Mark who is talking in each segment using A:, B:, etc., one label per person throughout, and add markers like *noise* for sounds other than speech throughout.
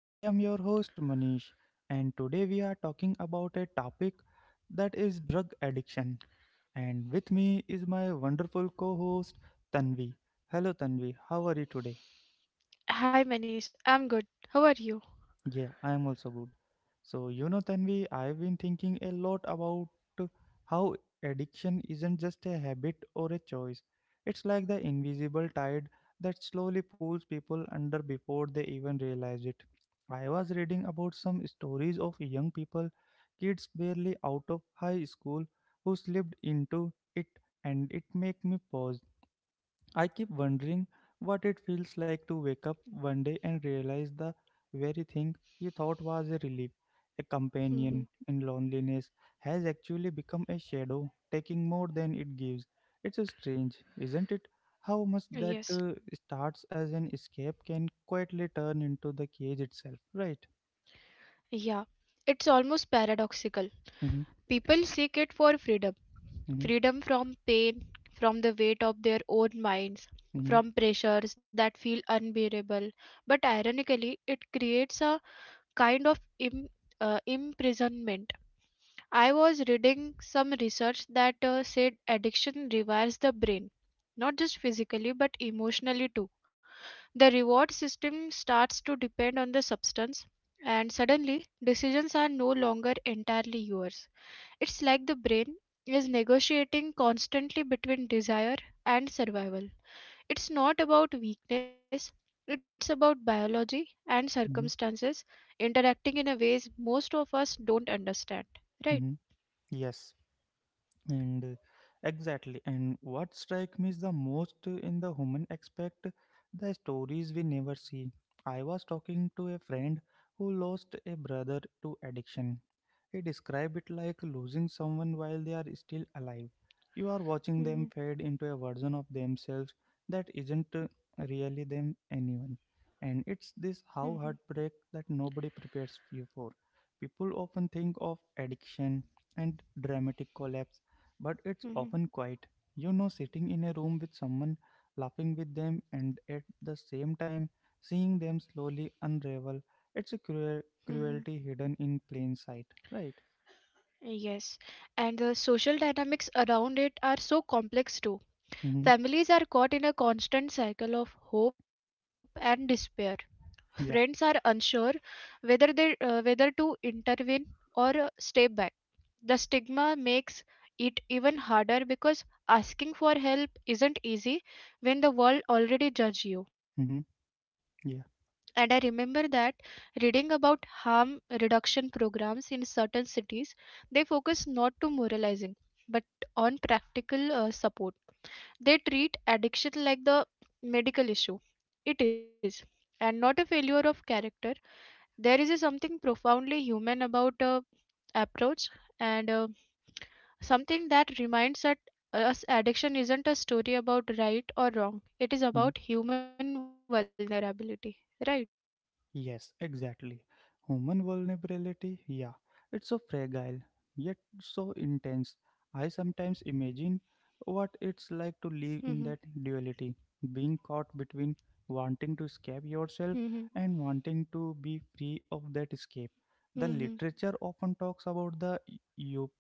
A: I am your host, Manish, and today we are talking about a topic that is drug addiction. And with me is my wonderful co host, Tanvi. Hello, Tanvi, how are you today?
B: Hi Manish, I'm good. How are you?
A: Yeah, I am also good. So, you know, Tanvi, I've been thinking a lot about uh, how addiction isn't just a habit or a choice. It's like the invisible tide that slowly pulls people under before they even realize it. I was reading about some stories of young people, kids barely out of high school, who slipped into it, and it made me pause. I keep wondering what it feels like to wake up one day and realize the very thing you thought was a relief, a
B: hmm
A: companion in loneliness, has actually become a shadow, taking more than it gives. It's a strange, isn't it? How much that
B: Yes.
A: starts as an escape can quietly turn into the cage itself, right?
B: Yeah. It's almost paradoxical.
A: Mm-hmm,
B: People seek it for freedom.
A: mm-hmm,
B: Freedom from pain, from the weight of their own minds,
A: mm-hmm,
B: from pressures that feel unbearable. But ironically, it creates a kind of imprisonment. I was reading some research that said addiction rewires the brain, not just physically but emotionally too. The reward system starts to depend on the substance, and suddenly decisions are no longer entirely yours. It's like the brain is negotiating constantly between desire and survival. It's not about weakness, it's about biology and
A: mm-hmm,
B: circumstances interacting in a ways most of us don't understand, right?
A: mm-hmm. Yes. And exactly, and what strikes me is the most, in the human aspect, the stories we never see. I was talking to a friend who lost a brother to addiction. He described it like losing someone while they are still alive. You are watching
B: Mm-hmm,
A: them fade into a version of themselves that isn't really them anyone, and it's
B: mm-hmm,
A: this how heartbreak that nobody prepares you for. People often think of addiction and dramatic collapse, but it's
B: mm-hmm,
A: often quiet. You know, sitting in a room with someone, laughing with them, and at the same time seeing them slowly unravel. It's a cruel
B: mm-hmm.
A: cruelty hidden in plain sight, right?
B: Yes, and the social dynamics around it are so complex too.
A: Mm-hmm.
B: Families are caught in a constant cycle of hope and despair. Friends are
A: Yeah.
B: unsure whether to intervene or step back. The stigma makes it even harder because asking for help isn't easy when the world already judge you.
A: Mm-hmm.
B: And I
A: Yeah.
B: remember that reading about harm reduction programs in certain cities, they focus not to moralizing but on practical support. They treat addiction like the medical issue it is, and not a failure of character. There is a something profoundly human about approach, and something that reminds that us addiction isn't a story about right or wrong. It is
A: Mm-hmm.
B: about human vulnerability, right?
A: Yes, exactly. Human vulnerability, yeah, it's so fragile, yet so intense. I sometimes
B: Mm-hmm.
A: imagine what it's like to live in that duality, being caught
B: Mm-hmm.
A: between wanting to escape yourself and wanting to be free of that escape. The
B: Mm-hmm.
A: literature often talks about the eu-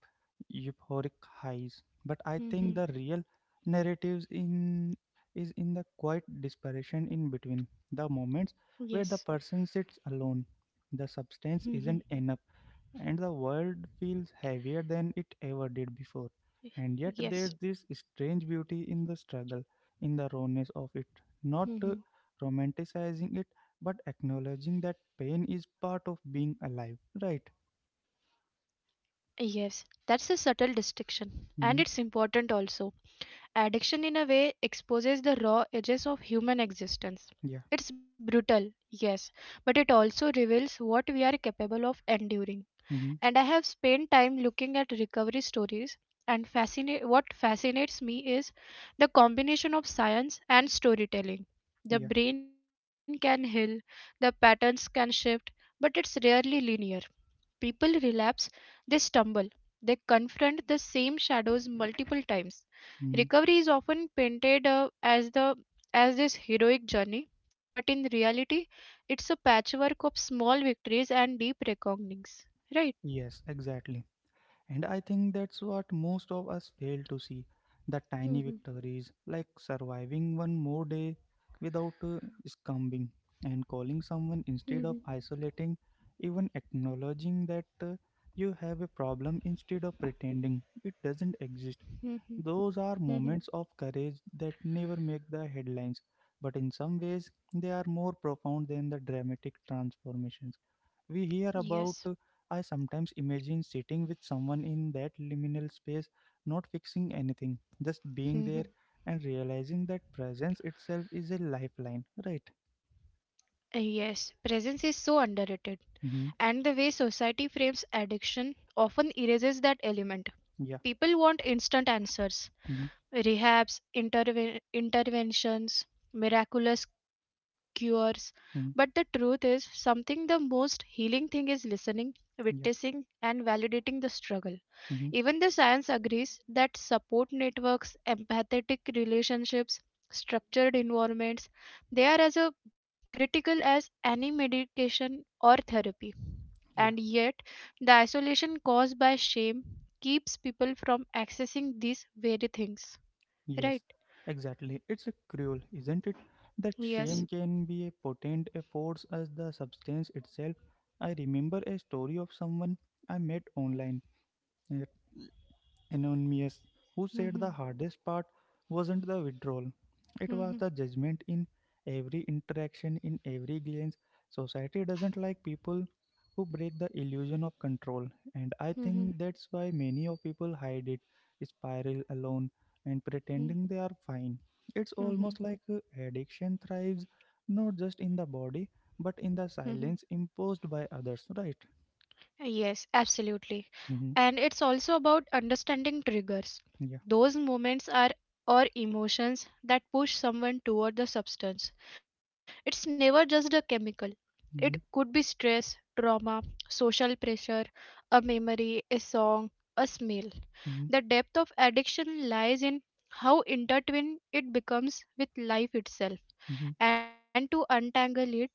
A: euphoric highs, but I think the
B: Mm-hmm.
A: real narratives in is in the quiet desperation in between the moments
B: Yes.
A: where the person sits alone. The substance
B: Mm-hmm.
A: isn't enough, and the world feels heavier than it ever did before. And yet,
B: Yes.
A: there's this strange beauty in the struggle, in the rawness of it, not
B: Mm-hmm.
A: romanticizing it, but acknowledging that pain is part of being alive, right?
B: Yes, that's a subtle distinction, and it's
A: Mm-hmm.
B: important also. Addiction, in a way, exposes the raw edges of human existence.
A: Yeah.
B: It's brutal, yes, but it also reveals what we are capable of enduring. And
A: Mm-hmm.
B: I have spent time looking at recovery stories, and what fascinates me is the combination of science and storytelling.
A: Yeah.
B: The brain can heal, the patterns can shift, but it's rarely linear. People relapse, they stumble, they confront the same shadows multiple times.
A: Mm-hmm.
B: Recovery is often painted as this heroic journey, but in reality, it's a patchwork of small victories and deep reckonings. Right?
A: Yes, exactly. And I think that's what most of us fail to see: the tiny
B: Mhm,
A: victories, like surviving one more day without succumbing, and calling
B: mhm,
A: someone instead of isolating, even acknowledging that you have a problem instead of pretending it doesn't exist.
B: mhm,
A: Those are
B: mhm.
A: moments of courage that never make the headlines, but in some ways, they are more profound than the dramatic transformations we hear about.
B: Yes.
A: I sometimes imagine sitting with someone in that liminal space, not fixing anything, just being there
B: Mhm.
A: and realizing that presence itself is a lifeline, right?
B: Yes, presence is so underrated.
A: Mm-hmm.
B: And the way society frames addiction often erases that element.
A: Yeah.
B: People want instant answers,
A: Mm-hmm.
B: rehabs, interventions, miraculous cures. But the
A: Hmm.
B: truth is, something the most healing thing is listening,
A: Yeah.
B: witnessing, and validating the struggle.
A: Mm-hmm.
B: Even the science agrees that support networks, empathetic relationships, structured environments, they are as a critical as any medication or therapy.
A: Yeah.
B: And yet, the isolation caused by shame keeps people from accessing these very things.
A: Yes.
B: Right.
A: Exactly. It's a cruel, isn't it? That shame
B: Yes.
A: can be a potent a force as the substance itself. I remember a story of someone I met online. eh, Anonymous, who said the
B: Mm-hmm.
A: hardest part wasn't the withdrawal, it was
B: Mm-hmm.
A: the judgment in every interaction, in every glance. Society doesn't like people who break the illusion of control, and I
B: Mm-hmm.
A: think that's why many of people hide it, spiral alone, and pretending they are fine. It's
B: Mm-hmm.
A: almost like addiction thrives not just in the body but in the
B: Mm-hmm.
A: silence imposed by others, right?
B: Yes, absolutely.
A: Mm-hmm.
B: And it's also about understanding triggers.
A: Yeah.
B: Those moments are or emotions that push someone toward the substance. It's never just a chemical.
A: Mm-hmm.
B: It could be stress, trauma, social pressure, a memory, a song, a smell.
A: Mm-hmm.
B: The depth of addiction lies in how intertwined it becomes with life itself.
A: Mm-hmm.
B: And to untangle it,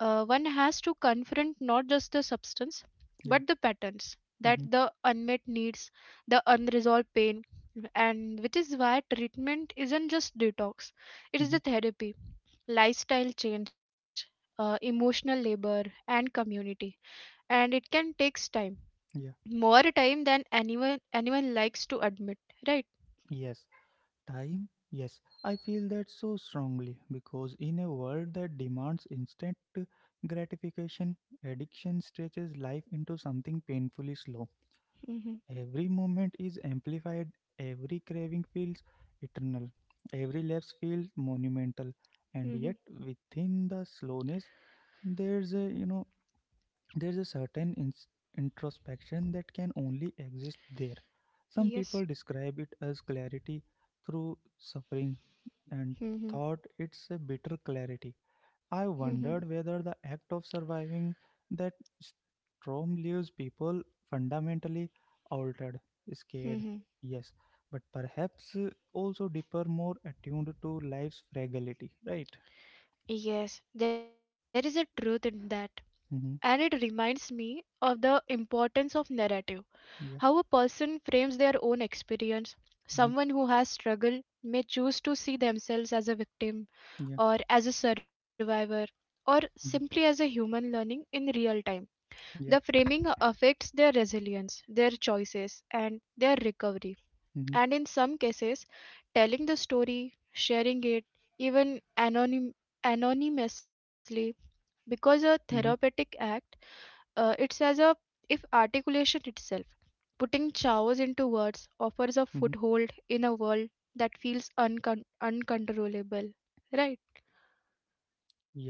B: one has to confront not just the substance
A: Yeah.
B: but the patterns, that
A: Mm-hmm.
B: the unmet needs, the unresolved pain, and which is why treatment isn't just detox. It is
A: Mm-hmm.
B: a therapy, lifestyle change, emotional labor and community, and it can takes time,
A: Yeah,
B: more time than anyone likes to admit, right?
A: yes, time. Yes, I feel that so strongly because in a world that demands instant gratification, addiction stretches life into something painfully slow.
B: mm-hmm.
A: Every moment is amplified, every craving feels eternal, every lapse feels monumental, and
B: Mm-hmm.
A: yet within the slowness, there's a there's a certain ins introspection that can only exist there. Some people
B: Yes.
A: describe it as clarity through suffering and
B: mm-hmm.
A: thought it's a bitter clarity. I
B: Mm-hmm.
A: wondered whether the act of surviving that storm leaves people fundamentally altered, scared,
B: Mm-hmm.
A: yes, but perhaps also deeper, more attuned to life's fragility, right?
B: Yes, there is a truth in that. And it
A: Mm-hmm.
B: reminds me of the importance of narrative. How a
A: Yeah.
B: person frames their own experience. Someone
A: Mm-hmm.
B: who has struggled may choose to see themselves as a victim
A: Yeah.
B: or as a survivor or simply as
A: Mm-hmm.
B: a human learning in real time. The
A: Yeah.
B: framing affects their resilience, their choices, and their recovery.
A: Mm-hmm.
B: And in some cases, telling the story, sharing it, even anonymously,
A: Mm-hmm.
B: because a therapeutic act, it's as a if articulation itself, putting chaos into words,
A: Mm-hmm.
B: offers a foothold in a world that feels uncontrollable. Right?
A: Yes,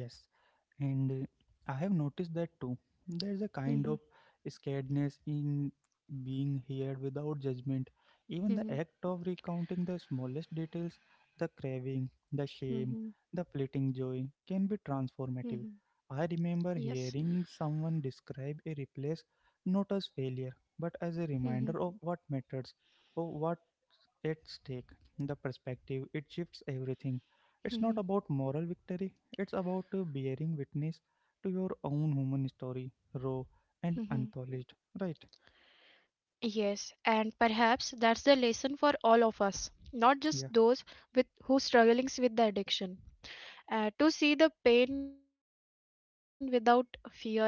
A: and I have noticed that too. There's a
B: Mhm,
A: kind of scaredness in being here without judgment. Even the
B: mhm,
A: act of recounting the smallest details, the craving, the shame,
B: mhm,
A: the fleeting joy can be
B: mhm.
A: transformative. I
B: Yes.
A: remember hearing someone describe a replace not as failure, but as a
B: Mhm,
A: reminder of what matters, of what at stake. The perspective it shifts everything. It's not
B: mhm,
A: about moral victory, it's about bearing witness to your own human story, raw and
B: mhm.
A: unpolished, right?
B: Yes, and perhaps that's the lesson for all of us,
A: Yeah.
B: not just those with who struggling with the addiction. To see the pain without fear,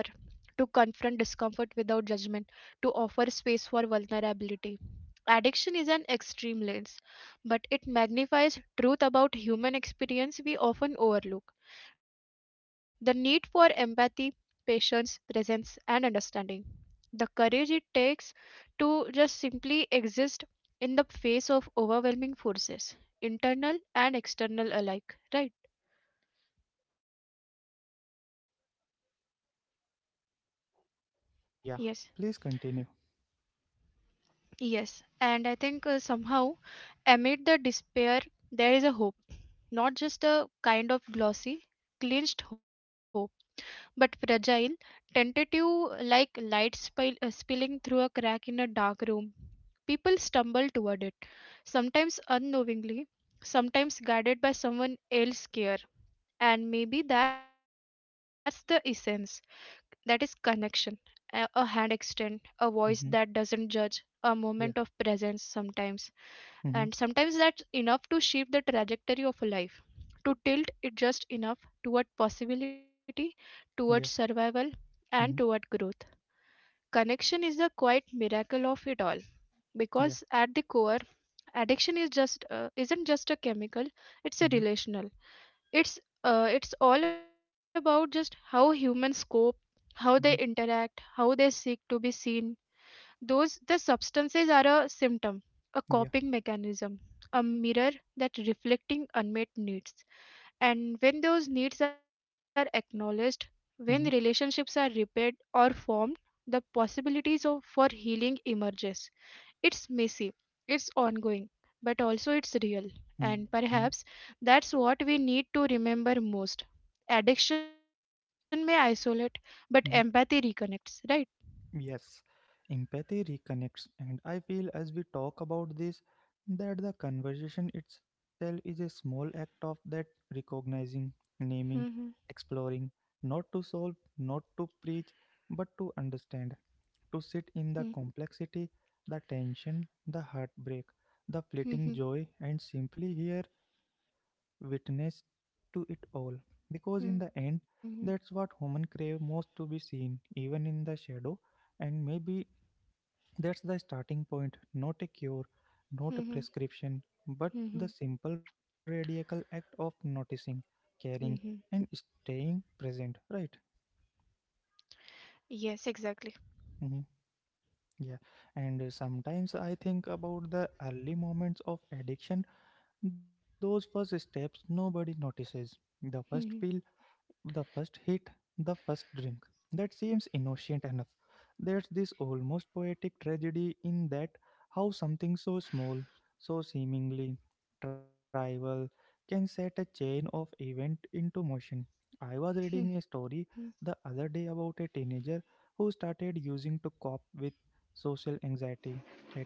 B: to confront discomfort without judgment, to offer space for vulnerability. Addiction is an extreme lens, but it magnifies truth about human experience we often overlook the need for empathy, patience, presence, and understanding. The courage it takes to just simply exist in the face of overwhelming forces, internal and external alike, right? Yes. Yes, and I think somehow amid the despair, there is a hope. Not just a kind of glossy, clinched hope, but fragile, tentative, like spilling through a crack in a dark room. People stumble toward it, sometimes unknowingly, sometimes guided by someone else's care. And maybe that's the essence, that is connection. A hand extend, a voice that doesn't judge, a moment of presence, sometimes and sometimes that's enough to shape the trajectory of a life, to tilt it just enough toward possibility, toward survival, and toward growth. Connection is the quiet miracle of it all, because at the core addiction is just isn't just a chemical, it's a relational, it's all about just how humans cope, how they interact, how they seek to be seen. Those the substances are a symptom, a coping mechanism, a mirror that reflecting unmet needs. And when those needs are acknowledged, when relationships are repaired or formed, the possibilities of for healing emerges. It's messy, it's ongoing, but also it's real. And perhaps that's what we need to remember most. Addiction may isolate, but empathy reconnects, right? hmm hmm hmm hmm Mhm. Mhm. Mhm. Yes, exactly. Mhm. Mhm.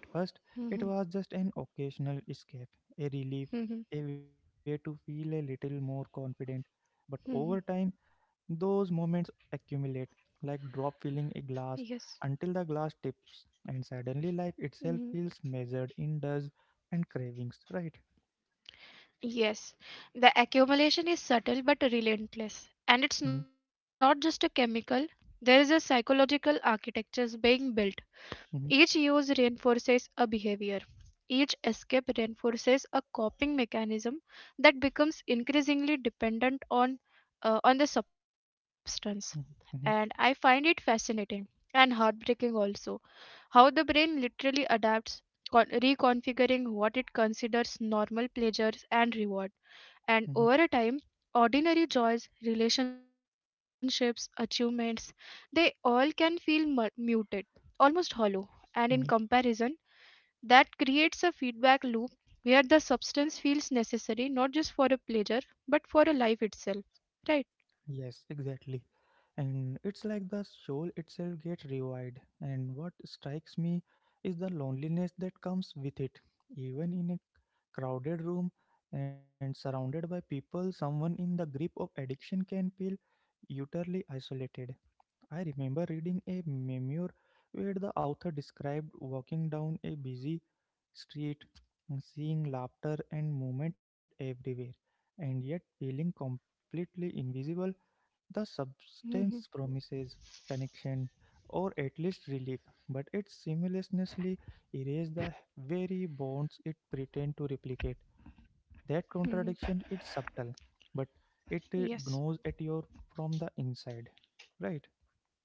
B: Mhm. Mhm. Mhm. Yes. Mhm. Yes. The accumulation is subtle but relentless. And it's not just a chemical. There is a psychological architecture being built. Each use reinforces a behavior. Each escape reinforces a coping mechanism that becomes increasingly dependent on the substance. And I find it fascinating and heartbreaking also how the brain literally adapts, reconfiguring what it considers normal pleasures and rewards. And over a time, ordinary joys, relationships, achievements, they all can feel muted, almost hollow. And in comparison, that creates a feedback loop where the substance feels necessary not just for a pleasure but for a life itself. Right? hmm hmm Yes.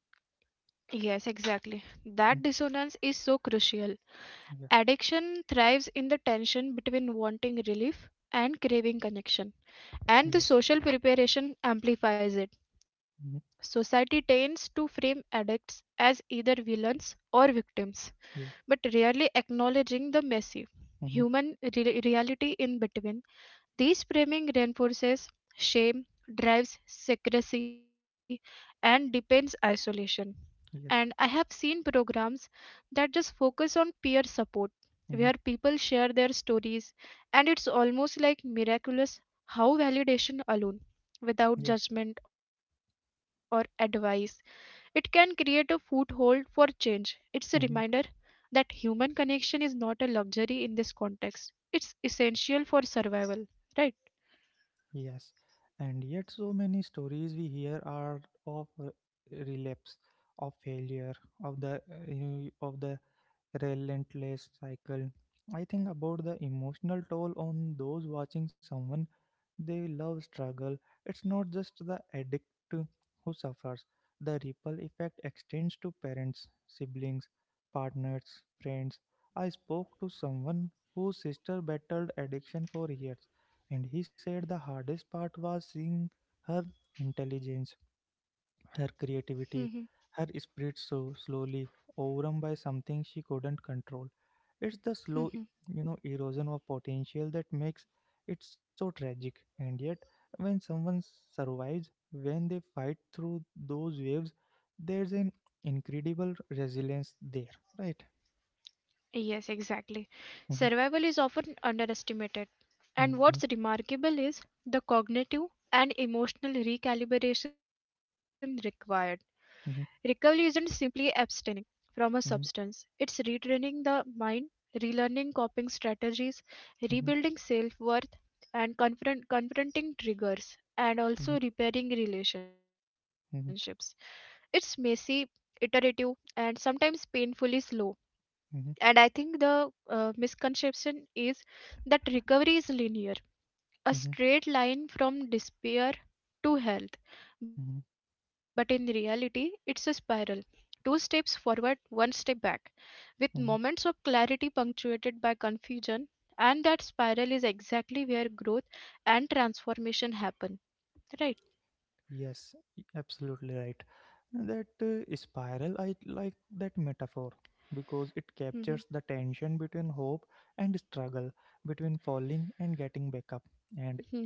B: Yes, exactly. That dissonance is so crucial. Addiction thrives in the tension between wanting relief and craving connection. And the social preparation amplifies it. Society tends to frame addicts as either villains or victims, but rarely acknowledging the messy human reality in between. This framing reinforces shame, drives secrecy, and deepens isolation. And I have seen programs that just focus on peer support, where people share their stories, and it's almost like miraculous how validation alone, without judgment or advice, it can create a foothold for change. It's a reminder that human connection is not a luxury in this context, it's essential for survival, right? *laughs* Yes, exactly. Survival is often underestimated. And what's remarkable is the cognitive and emotional recalibration required. Recovery isn't simply abstaining from a substance, it's retraining the mind, relearning coping strategies, rebuilding self worth, and confronting triggers, and also repairing relationships. It's messy, iterative, and sometimes painfully slow. And I think the misconception is that recovery is linear, a straight line from despair to health, but in reality it's a spiral, two steps forward, one step back, with moments of clarity punctuated by confusion. And that spiral is exactly where growth and transformation happen, right? mm-hmm.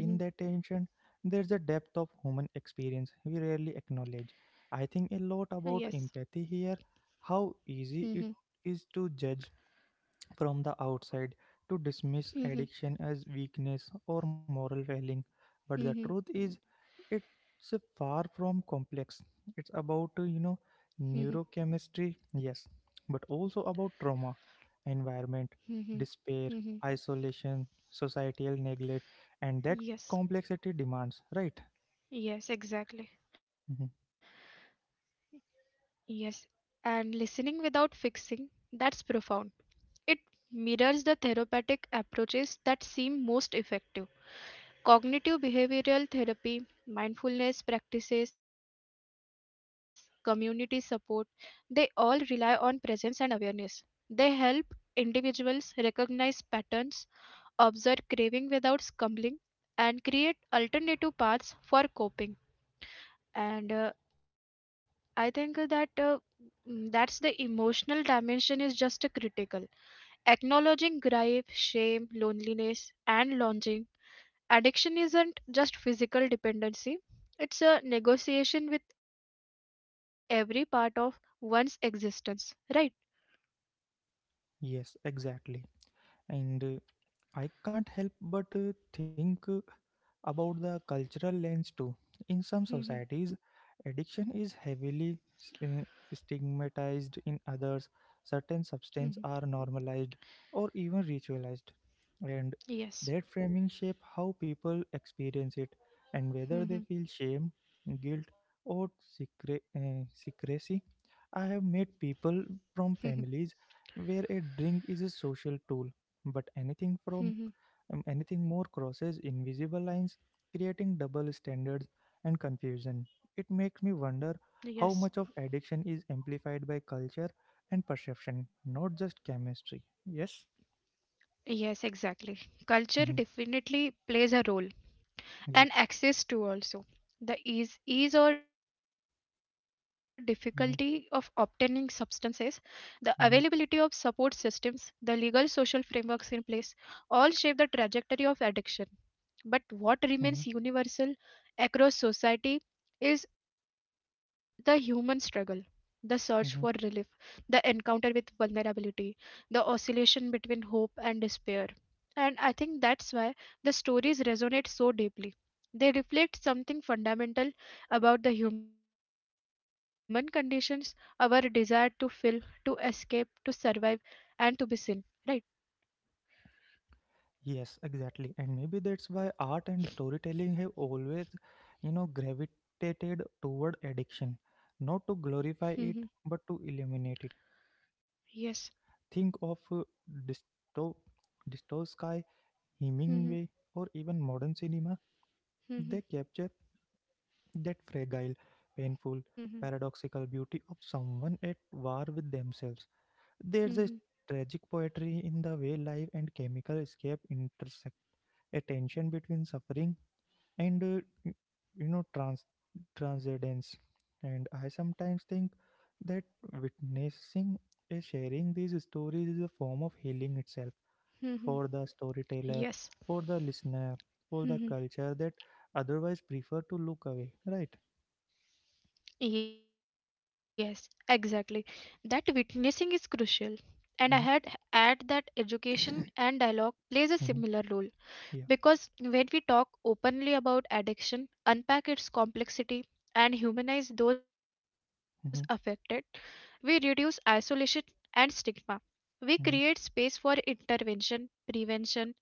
B: Mm-hmm. Yes. mm-hmm. Mm-hmm. Mm-hmm. Mm-hmm. Mm-hmm. Mm-hmm. Yes. Yes, exactly. Yes. And listening without fixing, that's profound. It mirrors the therapeutic approaches that seem most effective. Cognitive behavioral therapy, mindfulness practices, community support, they all rely on presence and awareness. They help individuals recognize patterns, observe craving without scumbling, and create alternative paths for coping. And I think that mm, that's the emotional dimension is just a critical. Acknowledging grief, shame, loneliness, and longing. Addiction isn't just physical dependency, it's a negotiation with every part of one's existence, right? Mhm, mhm. Yes. Mhm, mhm, mhm. Yes. Yes, exactly. Culture definitely plays a role. And access to also the ease or difficulty of obtaining substances, the availability of support systems, the legal social frameworks in place, all shape the trajectory of addiction. But what remains universal across society is the human struggle, the search for relief, the encounter with vulnerability, the oscillation between hope and despair. And I think that's why the stories resonate so deeply. They reflect something fundamental about the human conditions, our desire to fill, to escape, to survive, and to be seen. Right? *laughs* Yes. *laughs* Mhm. Yes. Mhm. Yes, exactly. That witnessing is crucial. And I had add that education and dialogue plays a similar role because when we talk openly about addiction, unpack its complexity, and humanize those affected, we reduce isolation and stigma. We create space for intervention, prevention, and compassion.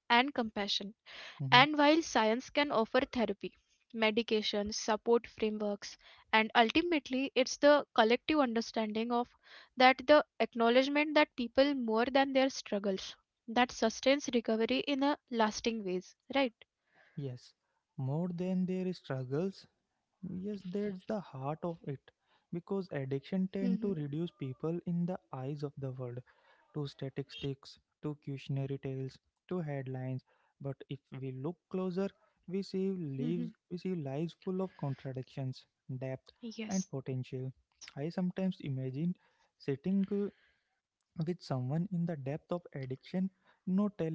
B: And while science can offer therapy, medication, support frameworks, and ultimately it's the collective understanding of that the acknowledgement that people more than their struggles that sustains recovery in a lasting ways, right? Mm-hmm. Mm-hmm. Yes.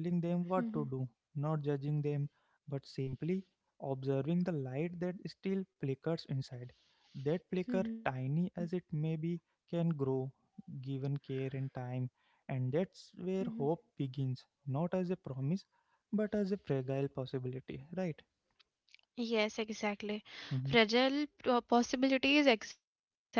B: Mm-hmm. Mm-hmm. Mm-hmm. Yes, exactly. Fragile possibility is exactly right.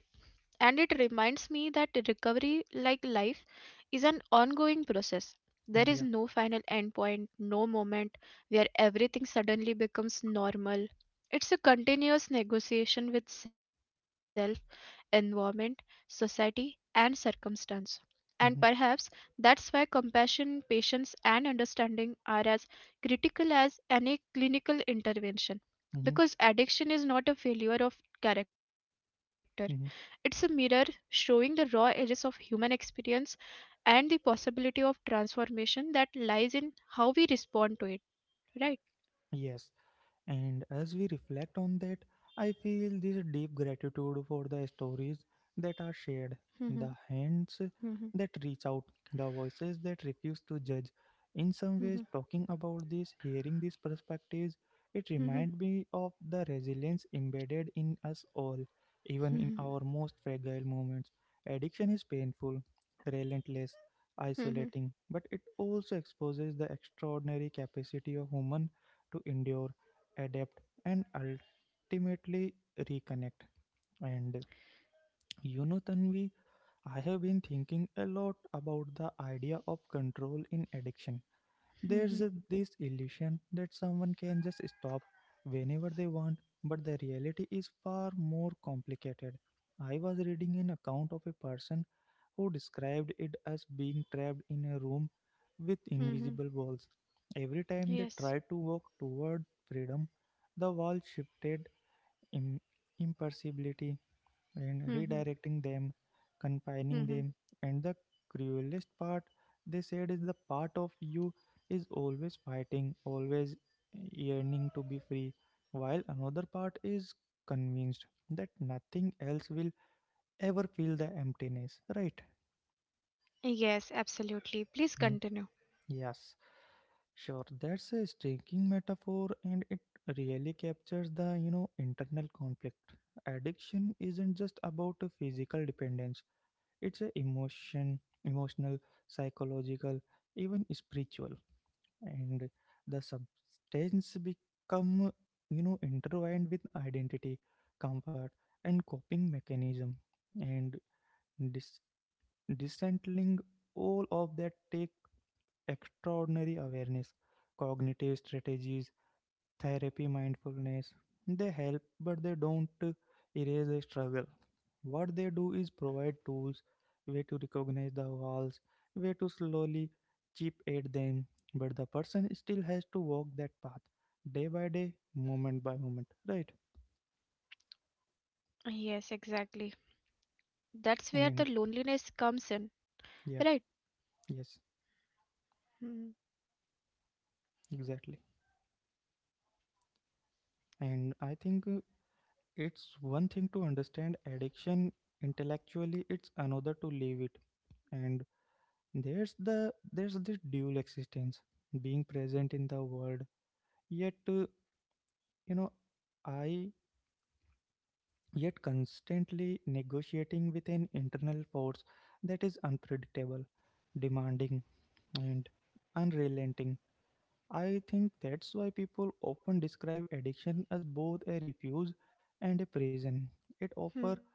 B: And it reminds me that recovery, like life, is an ongoing process. There is no final endpoint, no moment where everything suddenly becomes normal. It's a continuous negotiation with self, environment, society, and circumstance. And perhaps that's why compassion, patience, and understanding are as critical as any clinical intervention. Because addiction is not a failure of character, it's a mirror showing the raw edges of human experience and the possibility of transformation that lies in how we respond to it, right? Hmm, hmm, hmm, hmm, hmm, hmm, hmm, hmm, yes. Hmm, hmm. Yes, absolutely. Please continue. Yes, exactly. That's where the loneliness comes in, right? Hmm, hmm.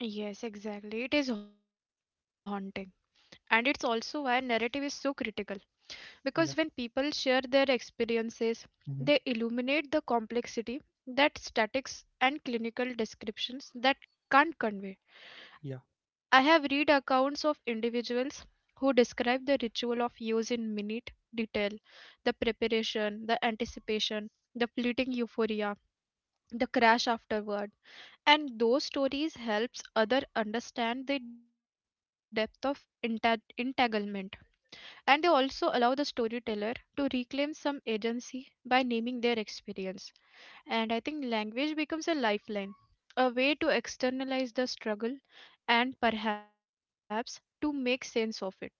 B: Yes, exactly. It is haunting. And it's also why narrative is so critical. Because when people share their experiences, they illuminate the complexity that statics and clinical descriptions that can't convey. I have read accounts of individuals who describe the ritual of use in minute detail, the preparation, the anticipation, the fleeting euphoria, the crash afterward. And those stories helps other understand the depth of entanglement, and they also allow the storyteller to reclaim some agency by naming their experience. And I think language becomes a lifeline, a way to externalize the struggle and perhaps to make sense of it, right?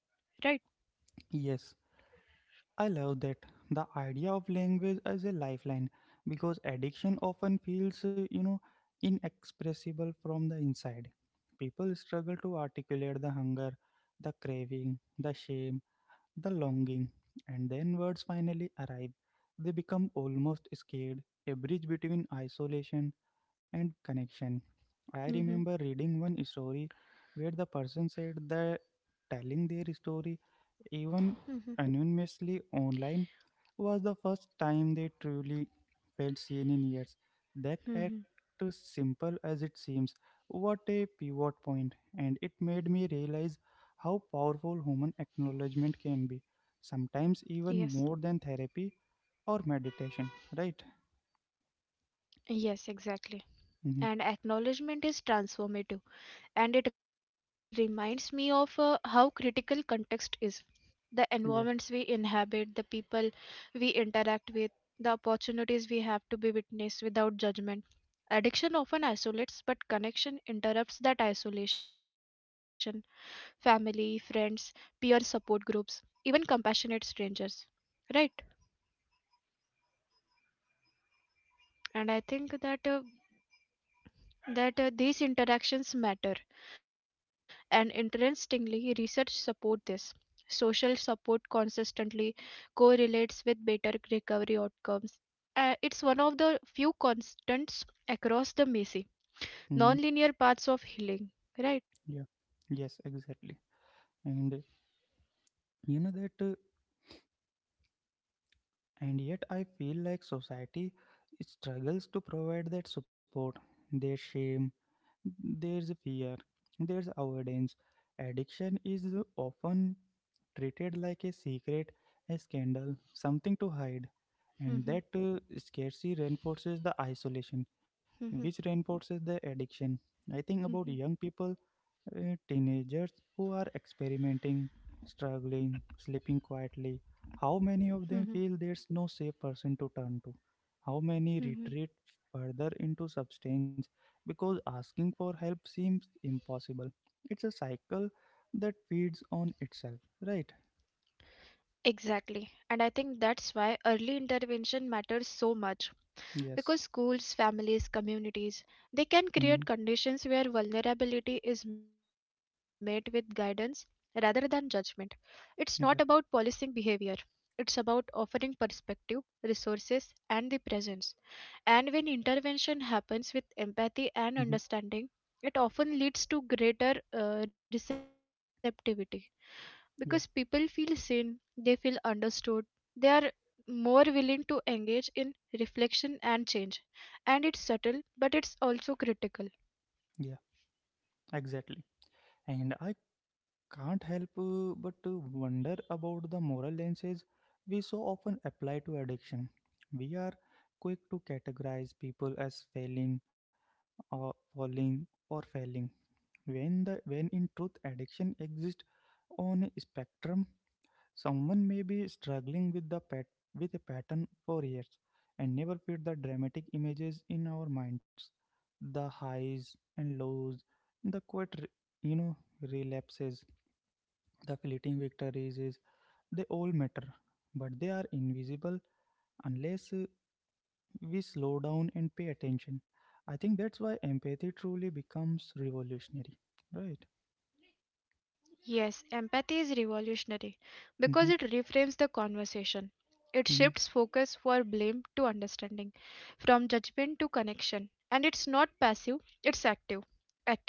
B: Mm-hmm. Mm-hmm. Mm-hmm. Yes. Yes, exactly. And acknowledgement is transformative, and it reminds me of how critical context is. The environments we inhabit, the people we interact with, the opportunities we have to be witnessed without judgment. Addiction often isolates, but connection interrupts that isolation. Family, friends, peer support groups, even compassionate strangers. Right? And I think that these interactions matter, and interestingly research support this. Social support consistently correlates with better recovery outcomes. It's one of the few constants across the messy non-linear paths of healing, right? Mhm, mhm, mhm, mhm, mhm. Exactly. And I think that's why early intervention matters so much, because schools, families, communities, they can create conditions where vulnerability is met with guidance rather than judgment. It's not about policing behavior. It's about offering perspective, resources, and the presence. And when intervention happens with empathy and understanding, it often leads to greater receptivity, because people feel seen, they feel understood, they are more willing to engage in reflection, and change. And it's subtle, but it's also critical. Yes, empathy is revolutionary because it reframes the conversation. It shifts focus for blame to understanding, from judgment to connection. And it's not passive, it's active.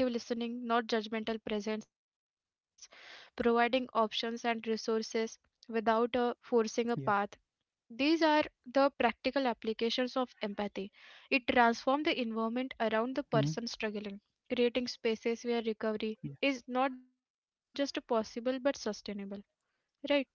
B: Active listening, not judgmental presence, providing options and resources without forcing a path. These are the practical applications of empathy. It transforms the environment around the person struggling, creating spaces where recovery is not just possible but sustainable. Right?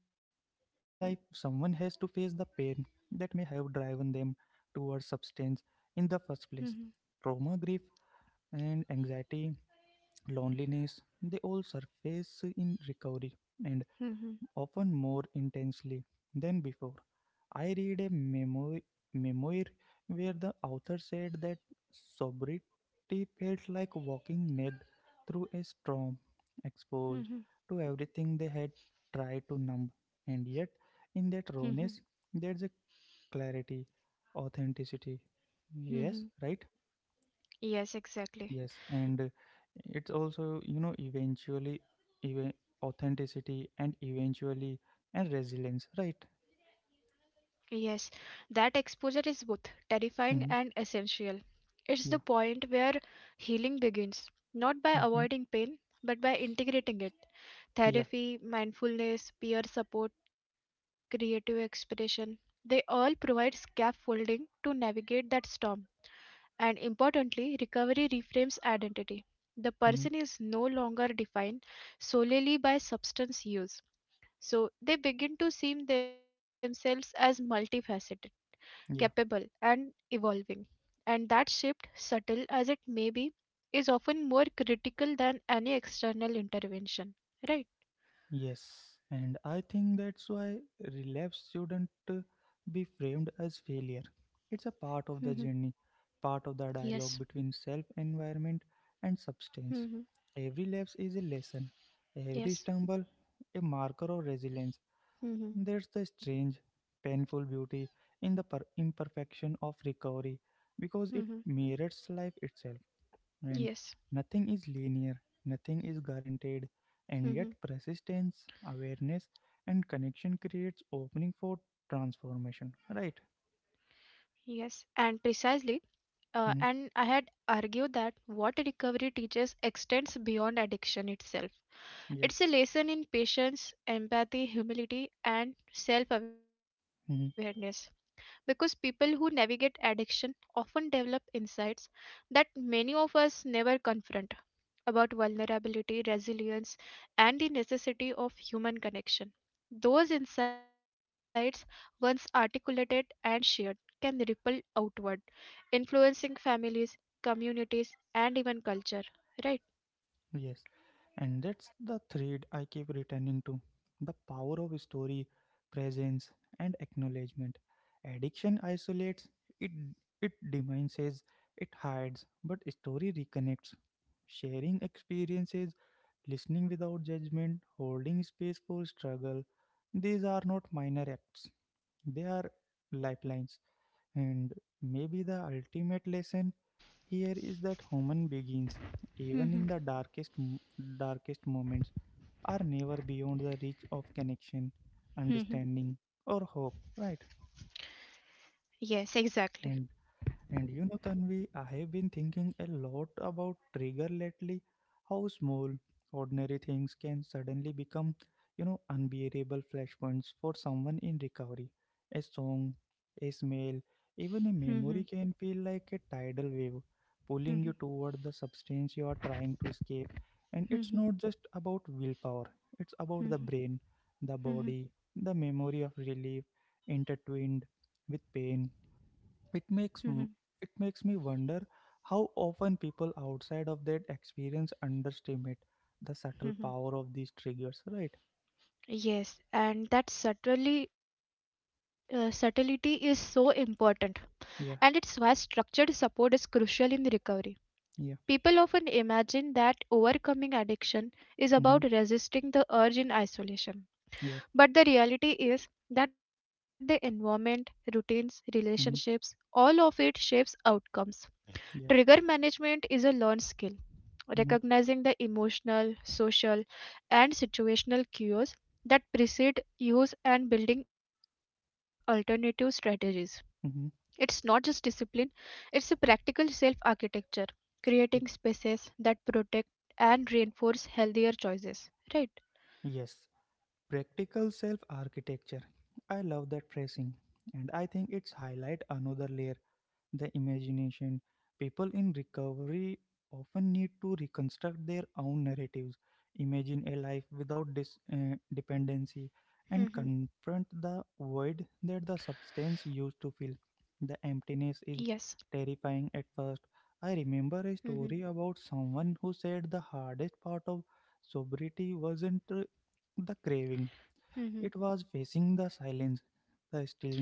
B: Mhm, mhm, mhm, mhm, mhm, mhm, mhm. Yes, exactly. Yes, that exposure is both terrifying and essential. It's the point where healing begins, not by avoiding pain, but by integrating it. Therapy, mindfulness, peer support, creative expression, they all provide scaffolding to navigate that storm. And importantly, recovery reframes identity. The person is no longer defined solely by substance use. So they begin to see themselves as multifaceted, capable, and evolving. And that shift, subtle as it may be, is often more critical than any external intervention. Right? Mm-hmm. Yes. Mm-hmm. Yes. Mm-hmm. Mm-hmm. Yes. Mm-hmm. Yes. And precisely, and I had argued that what recovery teaches extends beyond addiction itself. It's a lesson in patience, empathy, humility, and self awareness, because people who navigate addiction often develop insights that many of us never confront about vulnerability, resilience, and the necessity of human connection. Those insights, once articulated and shared, can ripple outward, influencing families, communities, and even culture. Right? Mm-hmm. Mm-hmm. Yes, exactly. Mm-hmm. Mm-hmm. Mm-hmm. Mm-hmm. Mm-hmm. Mm-hmm. Yes, and that subtlety is so important, and it's why structured support is crucial in recovery. People often imagine that overcoming addiction is about resisting the urge in isolation, but the reality is that the environment, routines, relationships, all of it shapes outcomes. Trigger management is a learned skill. Recognizing the emotional, social, and situational cues that precede use and building alternative strategies. It's not just discipline, it's a practical self architecture, creating spaces that protect and reinforce healthier choices. Right? Mm-hmm. Yes. Mm-hmm. Mm-hmm. Mm-hmm.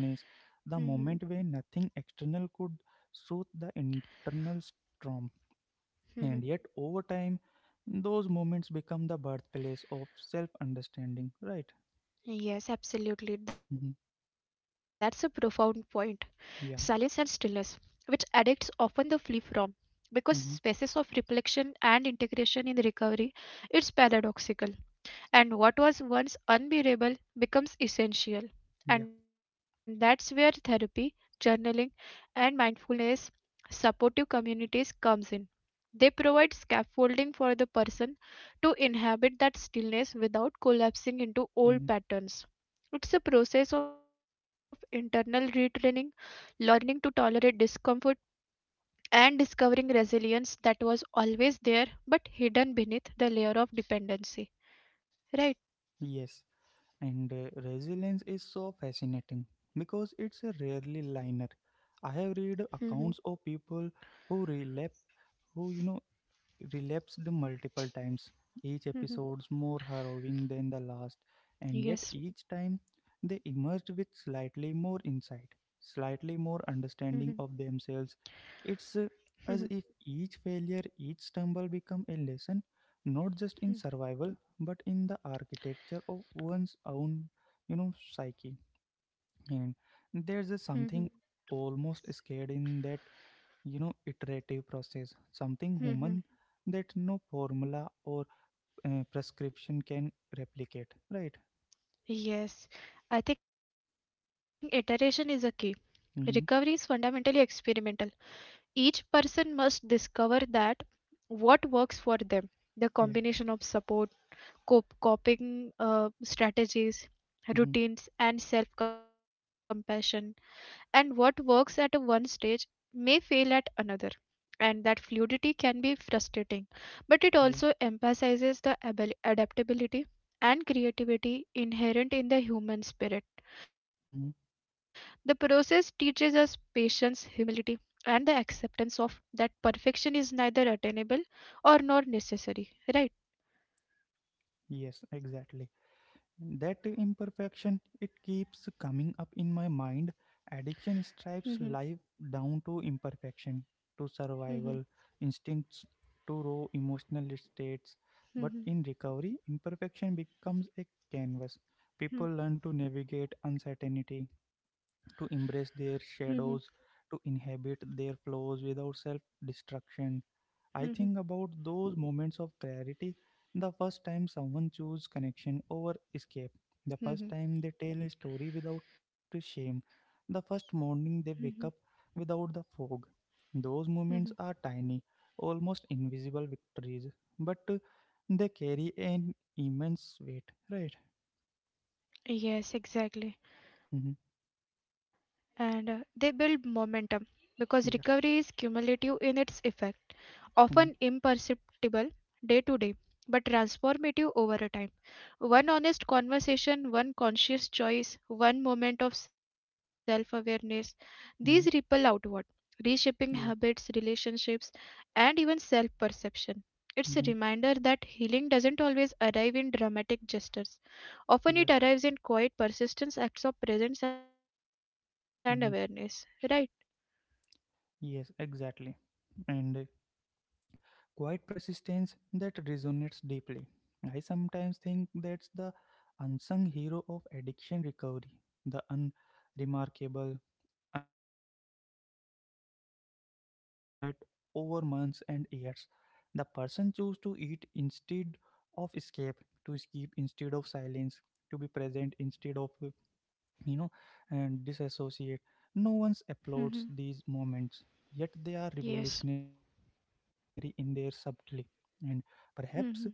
B: Mm-hmm. Yes, absolutely. That's a profound point. Silence and stillness, which addicts often the flee from. Because spaces of reflection and integration in recovery, it's paradoxical, and what was once unbearable becomes essential. And that's where therapy, journaling, and mindfulness supportive communities comes in. They provide scaffolding for the person to inhabit that stillness without collapsing into old patterns. It's a process of internal retraining, learning to tolerate discomfort, and discovering resilience that was always there but hidden beneath the layer of dependency. Right? Mhm. Mhm. Yes. Mhm. Mhm. Mhm. Mhm. Mhm. Yes. I think iteration is a key. Recovery is fundamentally experimental. Each person must discover that what works for them. The combination of support, coping strategies, routines, and self compassion. And what works at a one stage may fail at another. And that fluidity can be frustrating, but it also emphasizes the adaptability and creativity inherent in the human spirit. The process teaches us patience, humility, and the acceptance of that perfection is neither attainable or nor necessary, right? Mhm, mhm, mhm, mhm, mhm, mhm, mhm, mhm, mhm. Yes, exactly. And they build momentum, because recovery is cumulative in its effect, often imperceptible day to day, but transformative over a time. One honest conversation, one conscious choice, one moment of self awareness, these ripple outward, reshaping habits, relationships, and even self perception. It's a reminder that healing doesn't always arrive in dramatic gestures. Often it arrives in quiet persistence, acts of presence and awareness. Right? Mhm. Yes. Mhm.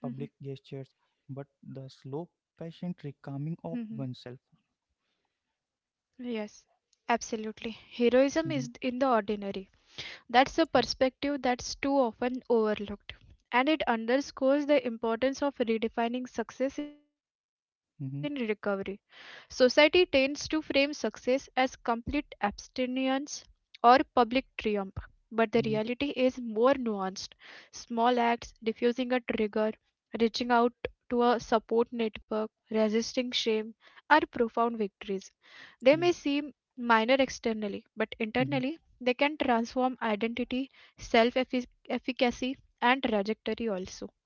B: Mhm. Mhm. Yes, absolutely. Heroism is in the ordinary. That's a perspective that's too often overlooked. And it underscores the importance of redefining success in recovery. Society tends to frame success as complete abstinence or public triumph. But the reality is more nuanced. Small acts, diffusing a trigger, reaching out to a support network, resisting shame, are profound victories. They may seem minor externally, but internally, they can transform identity, self efficacy, and trajectory also. Right?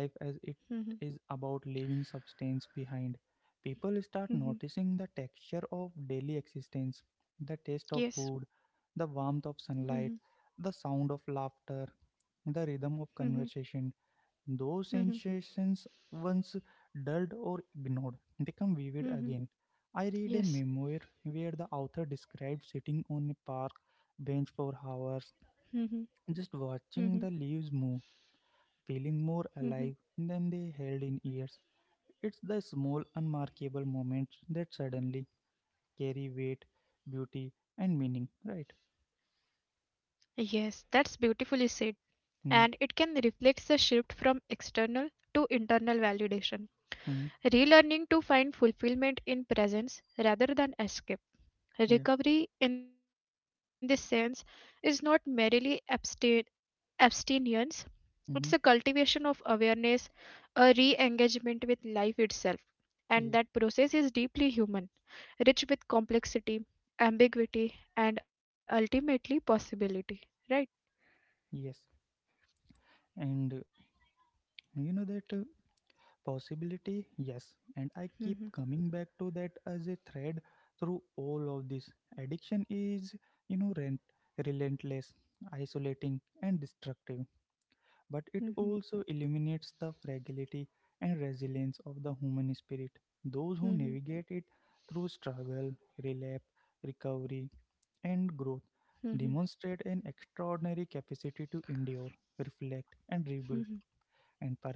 B: Mm-hmm. Mm-hmm. Yes. Mm-hmm. Mm-hmm. Mm-hmm. Mm-hmm. Yes. Mm-hmm. Mm-hmm. Mm-hmm. Yes, that's beautifully said. And it can reflect the shift from external to internal validation. Relearning to find fulfillment in presence rather than escape. Recovery, in this sense, is not merely abstinence, it's a cultivation of awareness, a re engagement with life itself. And that process is deeply human, rich with complexity, ambiguity, and ultimately possibility. Right? Hmm, hmm, hmm, hmm, hmm, hmm. Yes.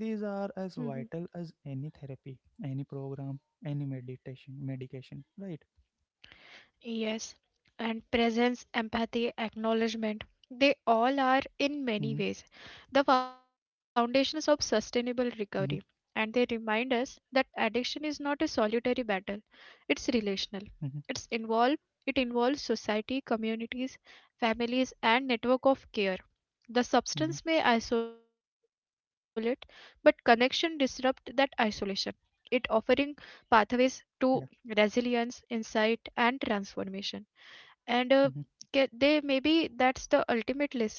B: Mm-hmm. Yes, and presence, empathy, acknowledgement, they all are in many ways the foundations of sustainable recovery. And they remind us that addiction is not a solitary battle, it's relational. It's involve. It involves society, communities, families, and network of care. The substance may isolate, but connection disrupt that isolation. It offering pathways to resilience, insight, and transformation, and they maybe that's the ultimate lesson.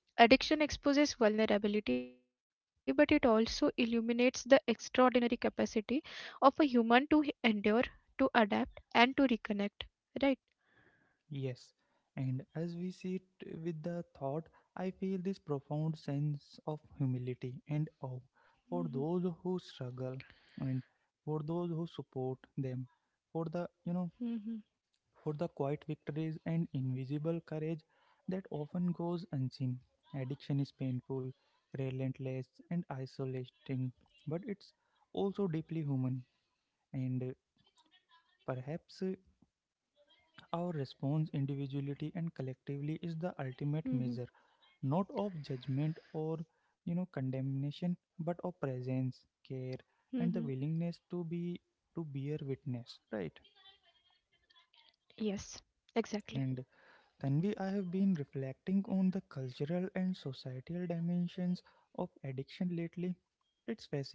B: Addiction exposes vulnerability, but it also illuminates the extraordinary capacity of a human to endure, to adapt and to reconnect, right? Mhm, mhm, mhm, mhm. Yes, exactly. Mhm,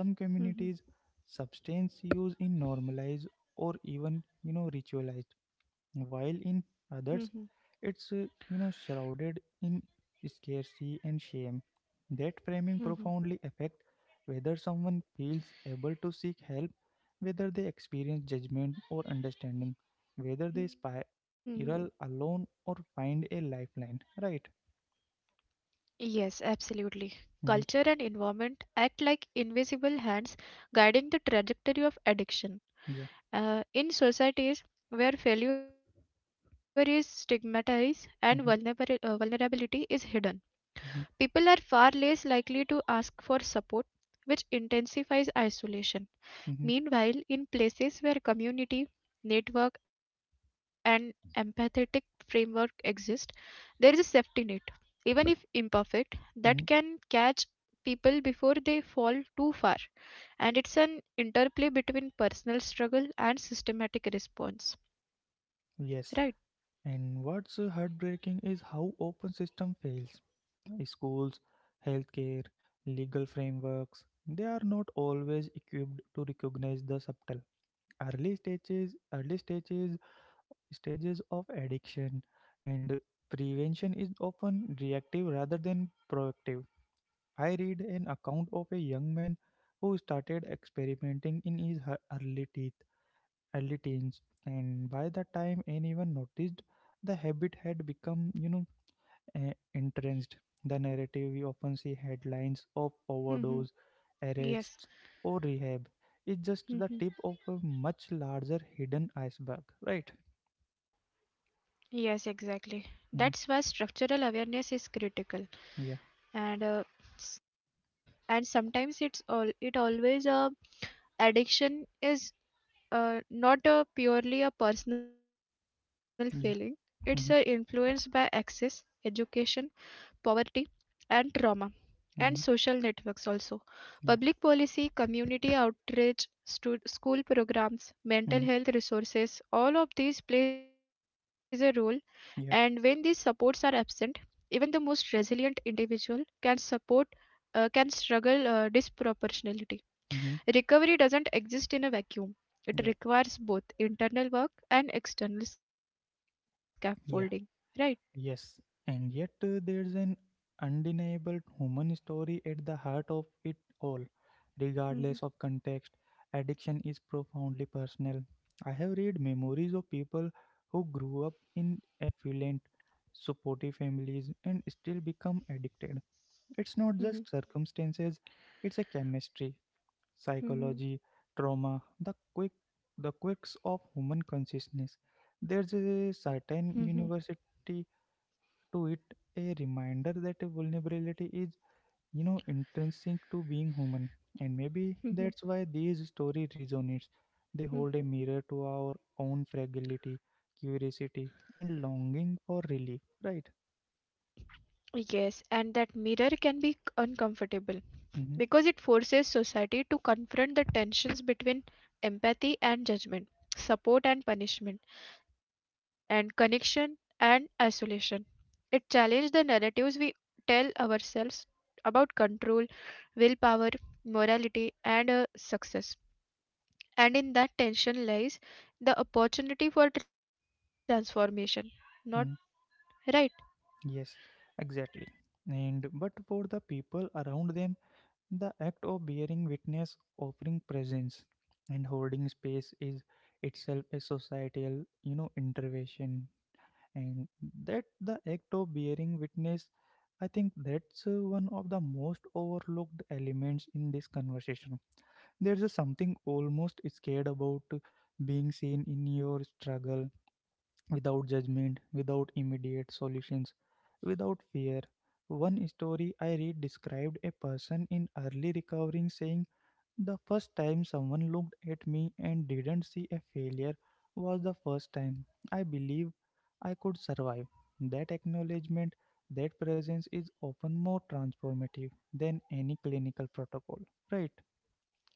B: mhm, mhm, mhm, mhm. Yes, absolutely. Culture and environment act like invisible hands guiding the trajectory of addiction, in societies where failure is stigmatized and vulnerability is hidden. People are far less likely to ask for support, which intensifies isolation. Meanwhile, in places where community, network, and empathetic framework exist, there is a safety net, even if imperfect, that can catch people before they fall too far. And it's an interplay between personal struggle and systematic response, right? Mm-hmm. Yes. Mm-hmm. Yes, exactly. That's why structural awareness is critical, and uh, s- and sometimes it's all it always, addiction is not a purely a personal feeling. It's influenced by access, education, poverty, and trauma and social networks also. Public policy, community outreach, school programs, mental health resources, all of these plays a role. And when these supports are absent, even the most resilient individual can support, can struggle disproportionality. Recovery doesn't exist in a vacuum, it requires both internal work and external scaffolding, right? Mhm, mhm, mhm, mhm, mhm, mhm. Yes, and that mirror can be uncomfortable because it forces society to confront the tensions between empathy and judgment, support and punishment, and connection and isolation. It challenges the narratives we tell ourselves about control, willpower, morality, and success. And in that tension lies the opportunity for transformation. Not right.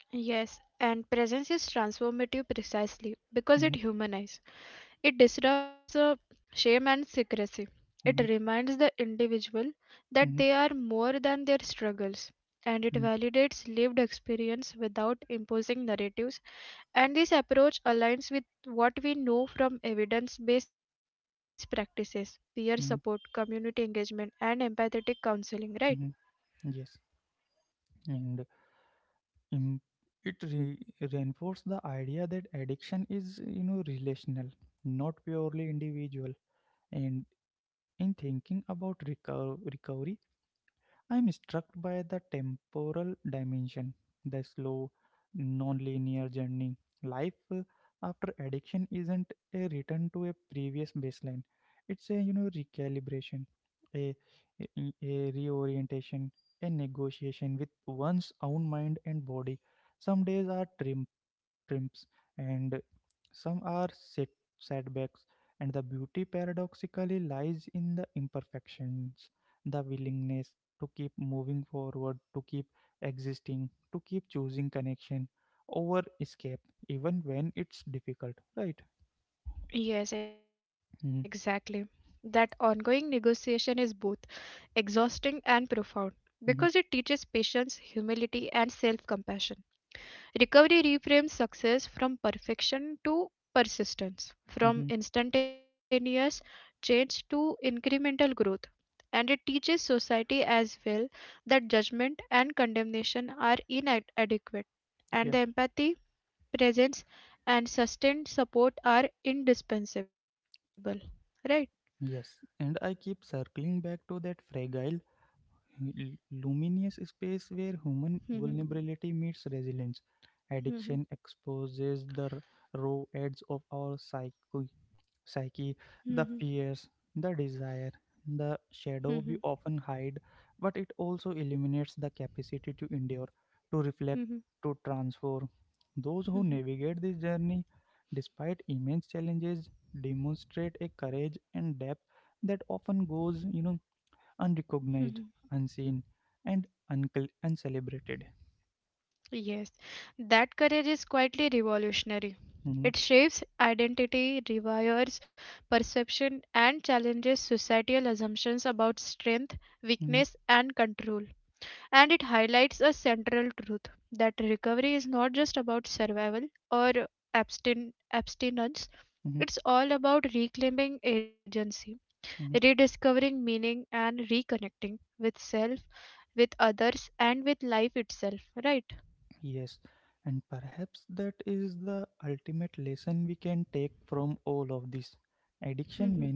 B: Yes, and presence is transformative precisely because it humanizes. It disrupts shame and secrecy. It reminds the individual that they are more than their struggles. And it validates lived experience without imposing narratives. And this approach aligns with what we know from evidence based practices, peer support, community engagement, and empathetic counseling, right? Yes, exactly. That ongoing negotiation is both exhausting and profound, because it teaches patience, humility, and self compassion. Recovery reframes success from perfection to persistence, from instantaneous change to incremental growth. And it teaches society as well that judgment and condemnation are inadequate, and the empathy, presence, and sustained support are indispensable, right? Mm-hmm, mm-hmm, mm-hmm, mm-hmm, mm-hmm, mm-hmm, mm-hmm. Yes, that courage is quietly revolutionary. It shapes identity, rewires perception, and challenges societal assumptions about strength, weakness, and control. And it highlights a central truth, that recovery is not just about survival or abstin- abstinence. It's all about reclaiming agency, rediscovering meaning, and reconnecting with self, with others, and with life itself, right? Hmm,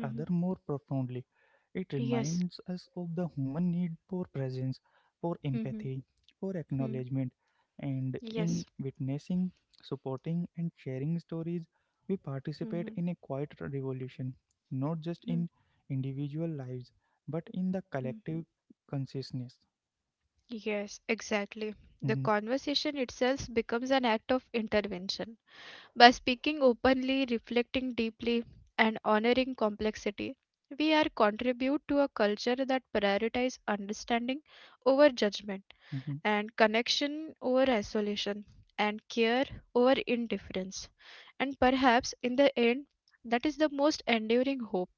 B: hmm, hmm. Yes. Hmm, hmm, hmm. Yes. Hmm, hmm, hmm, hmm. Yes, exactly. The conversation itself becomes an act of intervention. By speaking openly, reflecting deeply, and honoring complexity, we are contribute to a culture that prioritizes understanding over judgment, and connection over isolation, and care over indifference. And perhaps in the end, that is the most enduring hope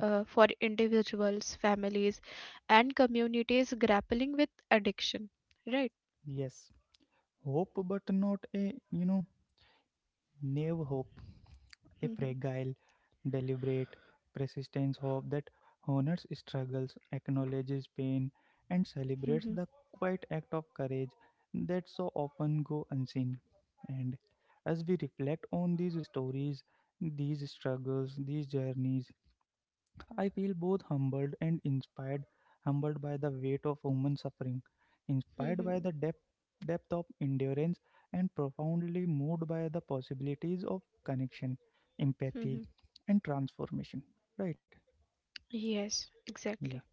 B: for individuals, families, and communities grappling with addiction. Right? Mhm, mhm, mhm, mhm. Yes, exactly.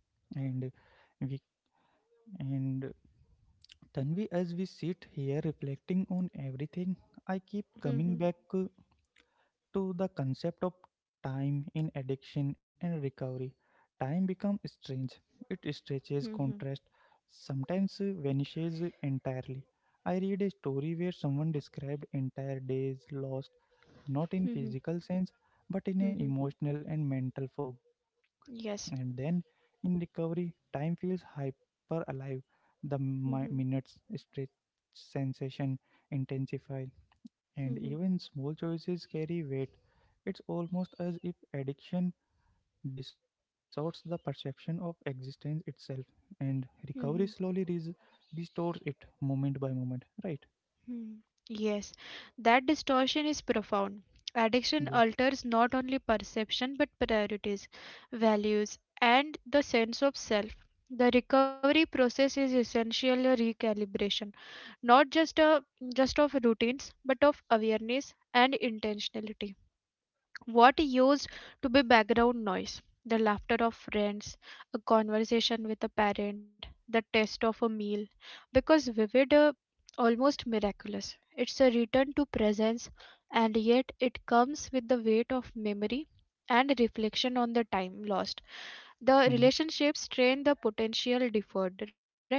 B: Mhm, mhm, mhm, mhm. Yes. Mhm, mhm, mhm. Hmm. Yes, that distortion is profound. Addiction alters not only perception but priorities, values, and the sense of self. The recovery process is essentially a recalibration, not just of routines, but of awareness and intentionality. What used to be background noise, the laughter of friends, a conversation with a parent, the taste of a meal, because vivid, almost miraculous. It's a return to presence, and yet it comes with the weight of memory and reflection on the time lost. The relationships strain the potential deferred, right?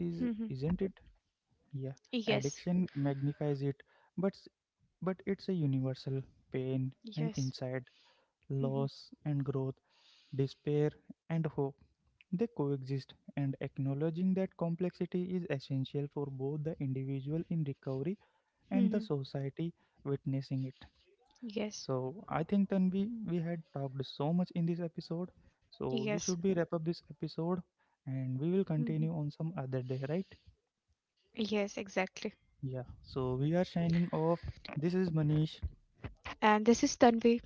B: Mhm. Yes, yes. Mhm. Mhm. Yes, yes. Mhm. Yes, exactly. And this is Tanvi.